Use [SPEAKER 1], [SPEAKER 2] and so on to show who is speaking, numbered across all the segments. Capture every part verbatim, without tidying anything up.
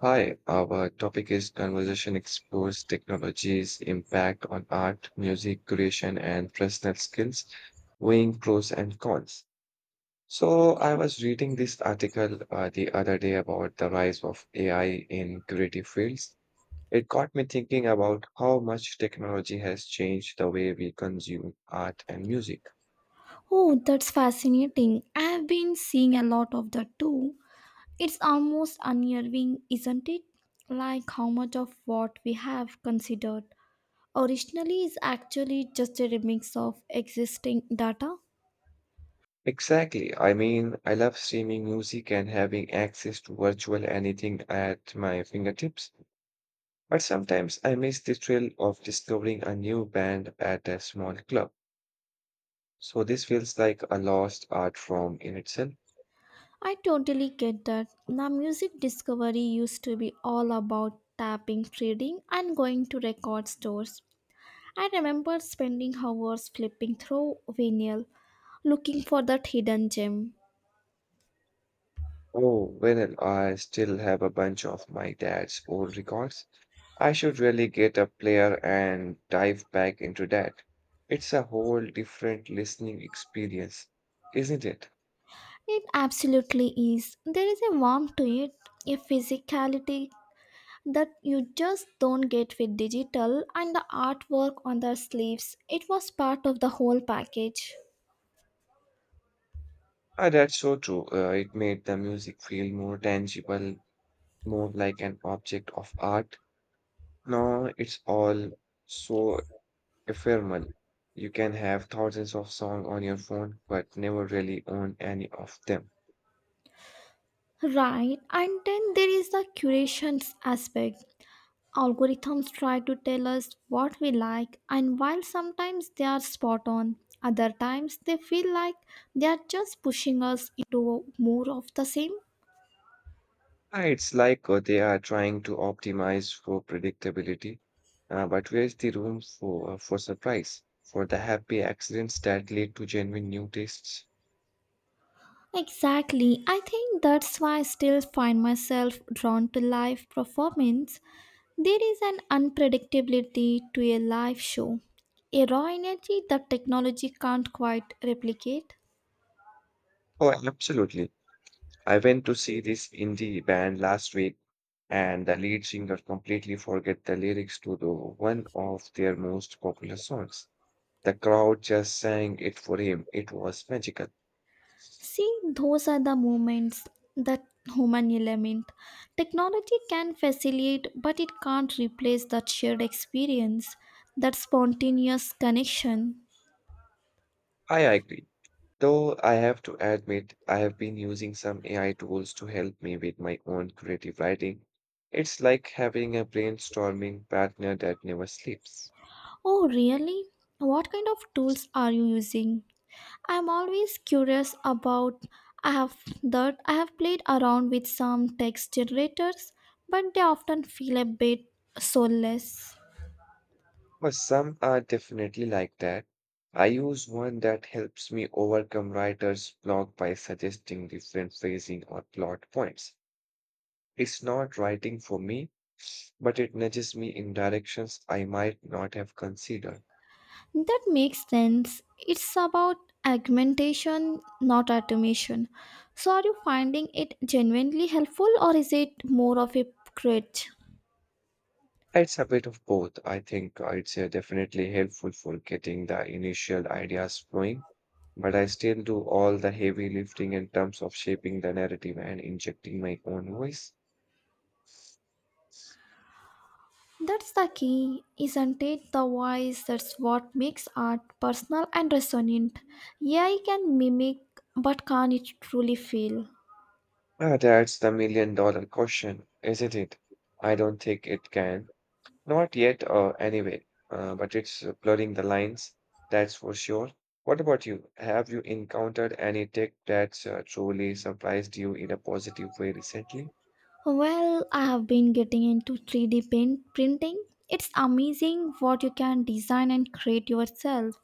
[SPEAKER 1] Hi, our topic is conversation explores technology's impact on art, music, creation, and personal skills, weighing pros and cons. So, I was reading this article uh, the other day about the rise of A I in creative fields. It got me thinking about how much technology has changed the way we consume art and music.
[SPEAKER 2] Oh, that's fascinating. I've been seeing a lot of that too. It's almost unnerving, isn't it? Like how much of what we have considered originally is actually just a remix of existing data.
[SPEAKER 1] Exactly. I mean, I love streaming music and having access to virtual anything at my fingertips, but sometimes I miss the thrill of discovering a new band at a small club. So this feels like a lost art form in itself.
[SPEAKER 2] I totally get that. Now, music discovery used to be all about tapping, trading, and going to record stores. I remember spending hours flipping through vinyl looking for that hidden gem.
[SPEAKER 1] Oh, well, I still have a bunch of my dad's old records. I should really get a player and dive back into that. It's a whole different listening experience, isn't it?
[SPEAKER 2] It absolutely is. There is a warmth to it, a physicality that you just don't get with digital, and the artwork on the sleeves. It was part of the whole package.
[SPEAKER 1] Ah, that's so true. Uh, it made the music feel more tangible, more like an object of art. Now it's all so ephemeral. You can have thousands of songs on your phone, but never really own any of them.
[SPEAKER 2] Right, and then there is the curation aspect. Algorithms try to tell us what we like, and while sometimes they are spot on, other times they feel like they are just pushing us into more of the same.
[SPEAKER 1] Uh, It's like uh, they are trying to optimize for predictability, uh, but where's the room for uh, for surprise, for the happy accidents that lead to genuine new tastes?
[SPEAKER 2] Exactly. I think that's why I still find myself drawn to live performance. There is an unpredictability to a live show, a raw energy that technology can't quite replicate.
[SPEAKER 1] Oh, absolutely. I went to see this indie band last week, and the lead singer completely forget the lyrics to the one of their most popular songs. The crowd just sang it for him. It was magical.
[SPEAKER 2] See, those are the moments, that human element. Technology can facilitate, but it can't replace that shared experience, that spontaneous connection.
[SPEAKER 1] I agree. Though I have to admit, I have been using some A I tools to help me with my own creative writing. It's like having a brainstorming partner that never sleeps.
[SPEAKER 2] Oh, really? What kind of tools are you using? I'm always curious about. I have that I have played around with some text generators, but they often feel a bit soulless.
[SPEAKER 1] But some are definitely like that. I use one that helps me overcome writer's block by suggesting different phrasing or plot points. It's not writing for me, but it nudges me in directions I might not have considered.
[SPEAKER 2] That makes sense. It's about augmentation, not automation. So are you finding it genuinely helpful, or is it more of a crutch?
[SPEAKER 1] It's a bit of both. I think uh, it's uh, definitely helpful for getting the initial ideas flowing, but I still do all the heavy lifting in terms of shaping the narrative and injecting my own voice.
[SPEAKER 2] That's the key, isn't it? The voice, that's what makes art personal and resonant. A I can mimic, but can't it truly feel?
[SPEAKER 1] Uh, that's the million dollar question, isn't it? I don't think it can. Not yet, uh, anyway, uh, but it's uh, blurring the lines, that's for sure. What about you? Have you encountered any tech that's uh, truly surprised you in a positive way recently?
[SPEAKER 2] Well, I have been getting into three D pen- printing. It's amazing what you can design and create yourself.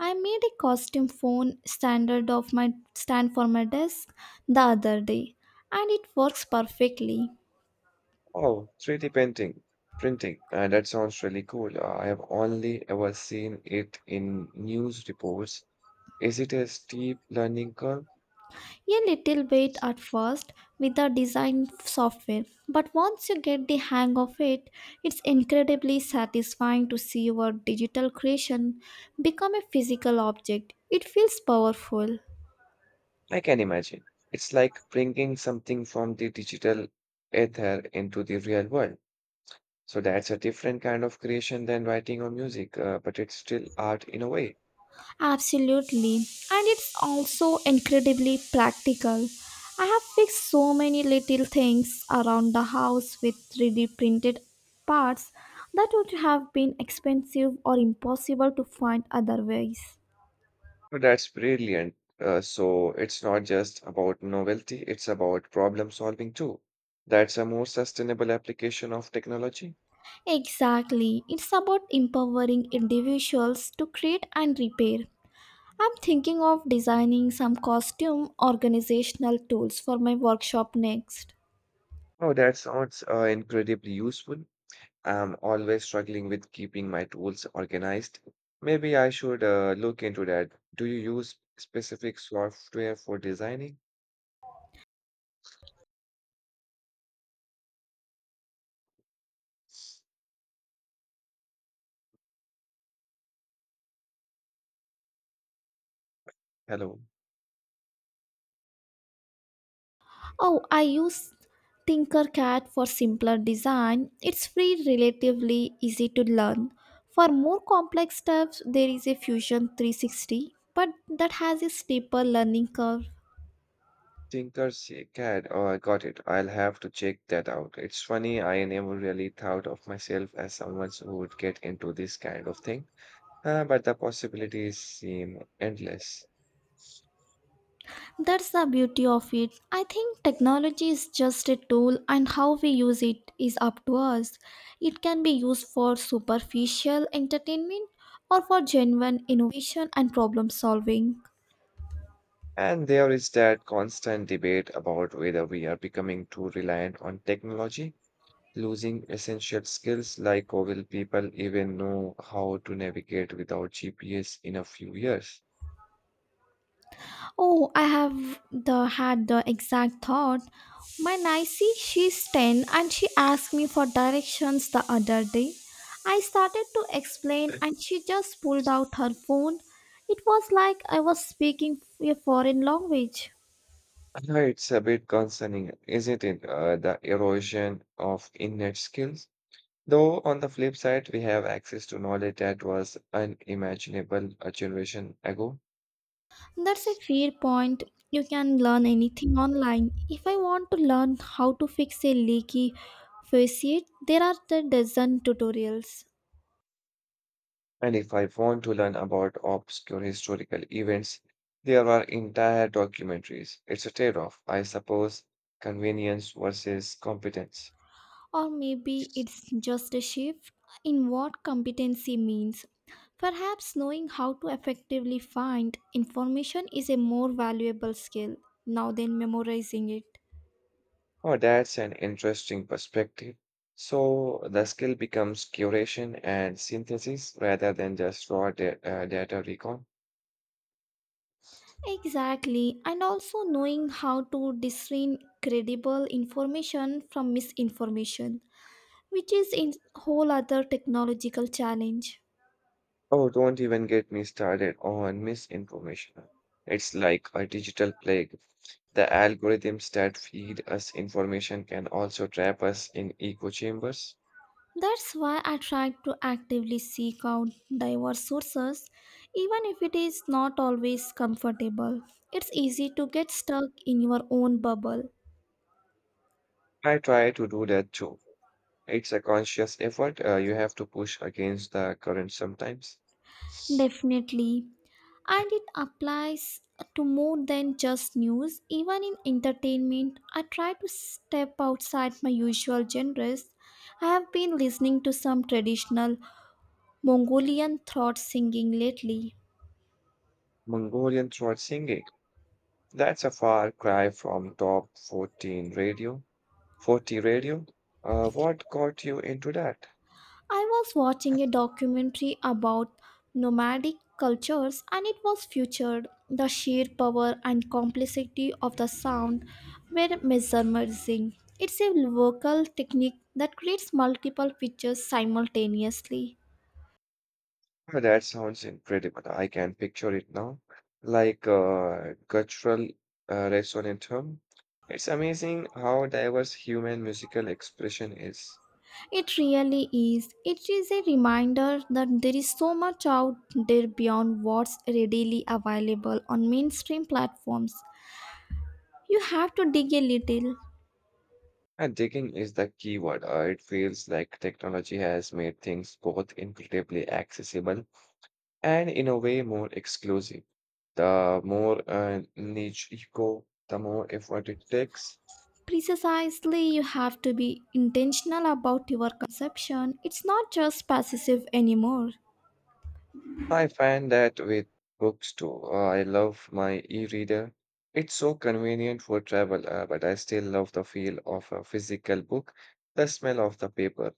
[SPEAKER 2] I made a costume phone standard of my stand for my desk the other day, and it works perfectly.
[SPEAKER 1] Oh, three D painting, printing. Uh, that sounds really cool. Uh, I have only ever seen it in news reports. Is it a steep learning curve?
[SPEAKER 2] A little bit at first with the design software, but once you get the hang of it, it's incredibly satisfying to see your digital creation become a physical object. It feels powerful.
[SPEAKER 1] I can imagine. It's like bringing something from the digital ether into the real world. So that's a different kind of creation than writing or music, uh, but it's still art in a way.
[SPEAKER 2] Absolutely. And it's also incredibly practical. I have fixed so many little things around the house with three D printed parts that would have been expensive or impossible to find otherwise.
[SPEAKER 1] No, that's brilliant. Uh, so it's not just about novelty, it's about problem solving too. That's a more sustainable application of technology.
[SPEAKER 2] Exactly. It's about empowering individuals to create and repair. I'm thinking of designing some costume organizational tools for my workshop next.
[SPEAKER 1] Oh, that sounds uh, incredibly useful. I'm always struggling with keeping my tools organized. Maybe I should uh, look into that. Do you use specific software for designing? Hello.
[SPEAKER 2] Oh, I use Tinkercad for simpler design. It's free, relatively easy to learn. For more complex stuff, there is a Fusion three sixty, but that has a steeper learning curve.
[SPEAKER 1] Tinkercad. Oh, I got it. I'll have to check that out. It's funny, I never really thought of myself as someone who would get into this kind of thing. Uh, but the possibilities seem endless.
[SPEAKER 2] That's the beauty of it. I think technology is just a tool, and how we use it is up to us. It can be used for superficial entertainment or for genuine innovation and problem solving.
[SPEAKER 1] And there is that constant debate about whether we are becoming too reliant on technology, losing essential skills like or will people even know how to navigate without G P S in a few years?
[SPEAKER 2] Oh, I have the had the exact thought. My Nicey, she's ten, and she asked me for directions the other day. I started to explain
[SPEAKER 1] Uh,
[SPEAKER 2] and she just pulled out her phone. It was like I was speaking a foreign language.
[SPEAKER 1] It's a bit concerning, isn't it? Uh, the erosion of innate skills. Though on the flip side, we have access to knowledge that was unimaginable a generation ago.
[SPEAKER 2] That's a fair point. You can learn anything online. If I want to learn how to fix a leaky faucet, there are the dozen tutorials.
[SPEAKER 1] And if I want to learn about obscure historical events, there are entire documentaries. It's a trade off, I suppose, convenience versus competence.
[SPEAKER 2] Or maybe it's just a shift in what competency means. Perhaps knowing how to effectively find information is a more valuable skill now than memorizing it.
[SPEAKER 1] Oh, that's an interesting perspective. So the skill becomes curation and synthesis rather than just raw da- uh, data recon.
[SPEAKER 2] Exactly, and also knowing how to discern credible information from misinformation, which is a whole other technological challenge.
[SPEAKER 1] Oh, don't even get me started on misinformation. It's like a digital plague. The algorithms that feed us information can also trap us in echo chambers.
[SPEAKER 2] That's why I try to actively seek out diverse sources, even if it is not always comfortable. It's easy to get stuck in your own bubble.
[SPEAKER 1] I try to do that too. It's a conscious effort. Uh, you have to push against the current sometimes.
[SPEAKER 2] Definitely. And it applies to more than just news. Even in entertainment, I try to step outside my usual genres. I have been listening to some traditional Mongolian throat singing lately.
[SPEAKER 1] Mongolian throat singing. That's a far cry from top fourteen radio. forty radio. Uh, what got you into that?
[SPEAKER 2] I was watching a documentary about nomadic cultures and it was featured the sheer power and complexity of the sound were mesmerizing. It's a vocal technique that creates multiple pictures simultaneously.
[SPEAKER 1] Uh, That sounds incredible. I can picture it now. Like uh, guttural uh, resonant hum. It's amazing how diverse human musical expression is.
[SPEAKER 2] It really is. It is a reminder that there is so much out there beyond what's readily available on mainstream platforms. You have to dig a little.
[SPEAKER 1] And digging is the key word. Uh, it feels like technology has made things both incredibly accessible and, in a way, more exclusive. The more uh, niche you go, the more effort it takes.
[SPEAKER 2] Precisely, you have to be intentional about your consumption. It's not just passive anymore.
[SPEAKER 1] I find that with books too. Uh, I love my e-reader. It's so convenient for travel, uh, but I still love the feel of a physical book, the smell of the paper.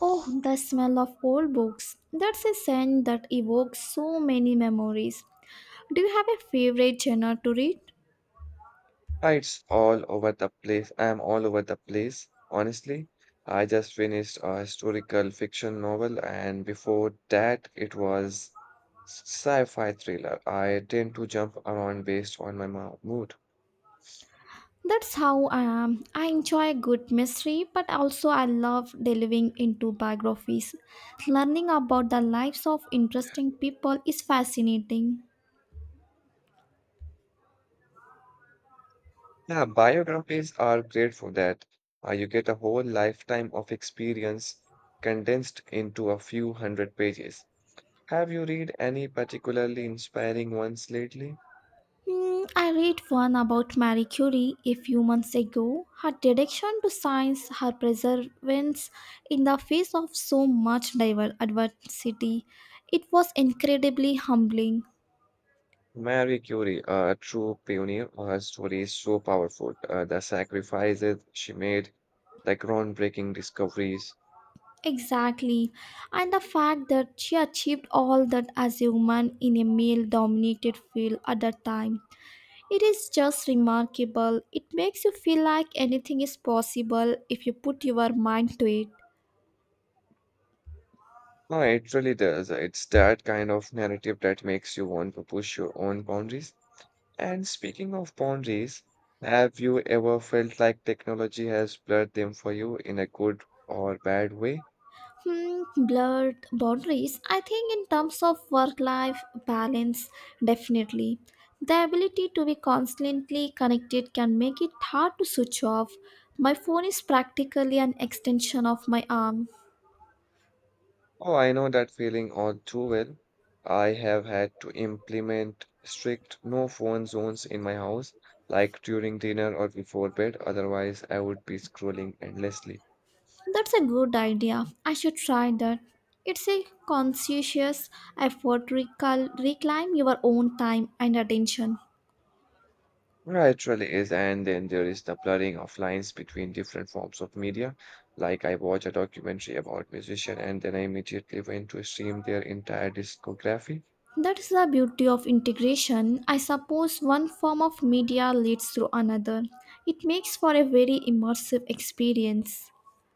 [SPEAKER 2] Oh, the smell of old books. That's a scent that evokes so many memories. Do you have a favorite genre to read?
[SPEAKER 1] Ah, it's all over the place. I'm all over the place, honestly. I just finished a historical fiction novel, and before that, it was sci-fi thriller. I tend to jump around based on my mo- mood.
[SPEAKER 2] That's how I am. I enjoy a good mystery, but also I love delving into biographies. Learning about the lives of interesting people is fascinating.
[SPEAKER 1] Yeah, biographies are great for that. Uh, you get a whole lifetime of experience condensed into a few hundred pages. Have you read any particularly inspiring ones lately?
[SPEAKER 2] Hmm, I read one about Marie Curie a few months ago. Her dedication to science, her perseverance in the face of so much diver- adversity, it was incredibly humbling.
[SPEAKER 1] Marie Curie, a true pioneer, her story is so powerful. Uh, the sacrifices she made, the groundbreaking discoveries.
[SPEAKER 2] Exactly. And the fact that she achieved all that as a woman in a male dominated field at that time, it is just remarkable. It makes you feel like anything is possible if you put your mind to it.
[SPEAKER 1] No, it really does. It's that kind of narrative that makes you want to push your own boundaries. And speaking of boundaries, have you ever felt like technology has blurred them for you in a good or bad way?
[SPEAKER 2] Hmm, blurred boundaries. I think, in terms of work life balance, definitely. The ability to be constantly connected can make it hard to switch off. My phone is practically an extension of my arm.
[SPEAKER 1] Oh, I know that feeling all too well. I have had to implement strict no phone zones in my house, like during dinner or before bed, otherwise I would be scrolling endlessly.
[SPEAKER 2] That's a good idea. I should try that. It's a conscientious effort to recal- reclaim your own time and attention.
[SPEAKER 1] Right, really is, and then there is the blurring of lines between different forms of media. Like I watch a documentary about musician and then I immediately went to stream their entire discography.
[SPEAKER 2] That is the beauty of integration. I suppose one form of media leads to another. It makes for a very immersive experience.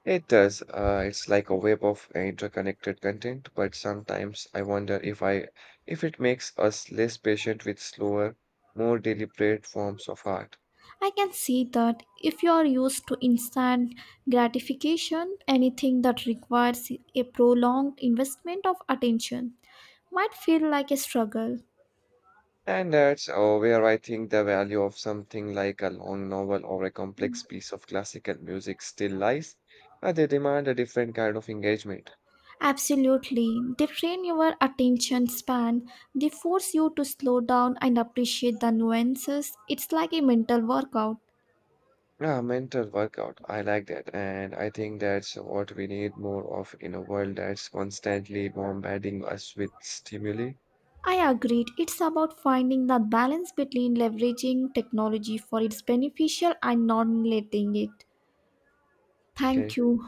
[SPEAKER 1] It does. Uh, it's like a web of interconnected content, but sometimes I wonder if I if it makes us less patient with slower, more deliberate forms of art.
[SPEAKER 2] I can see that if you are used to instant gratification, anything that requires a prolonged investment of attention might feel like a struggle.
[SPEAKER 1] And that's uh, where I think the value of something like a long novel or a complex piece of classical music still lies. Uh, they demand a different kind of engagement.
[SPEAKER 2] Absolutely. They train your attention span. They force you to slow down and appreciate the nuances. It's like a mental workout.
[SPEAKER 1] Ah, mental workout. I like that, and I think that's what we need more of in a world that's constantly bombarding us with stimuli.
[SPEAKER 2] I agreed. It's about finding that balance between leveraging technology for its beneficial and not letting it. Thank
[SPEAKER 1] Okay.
[SPEAKER 2] you.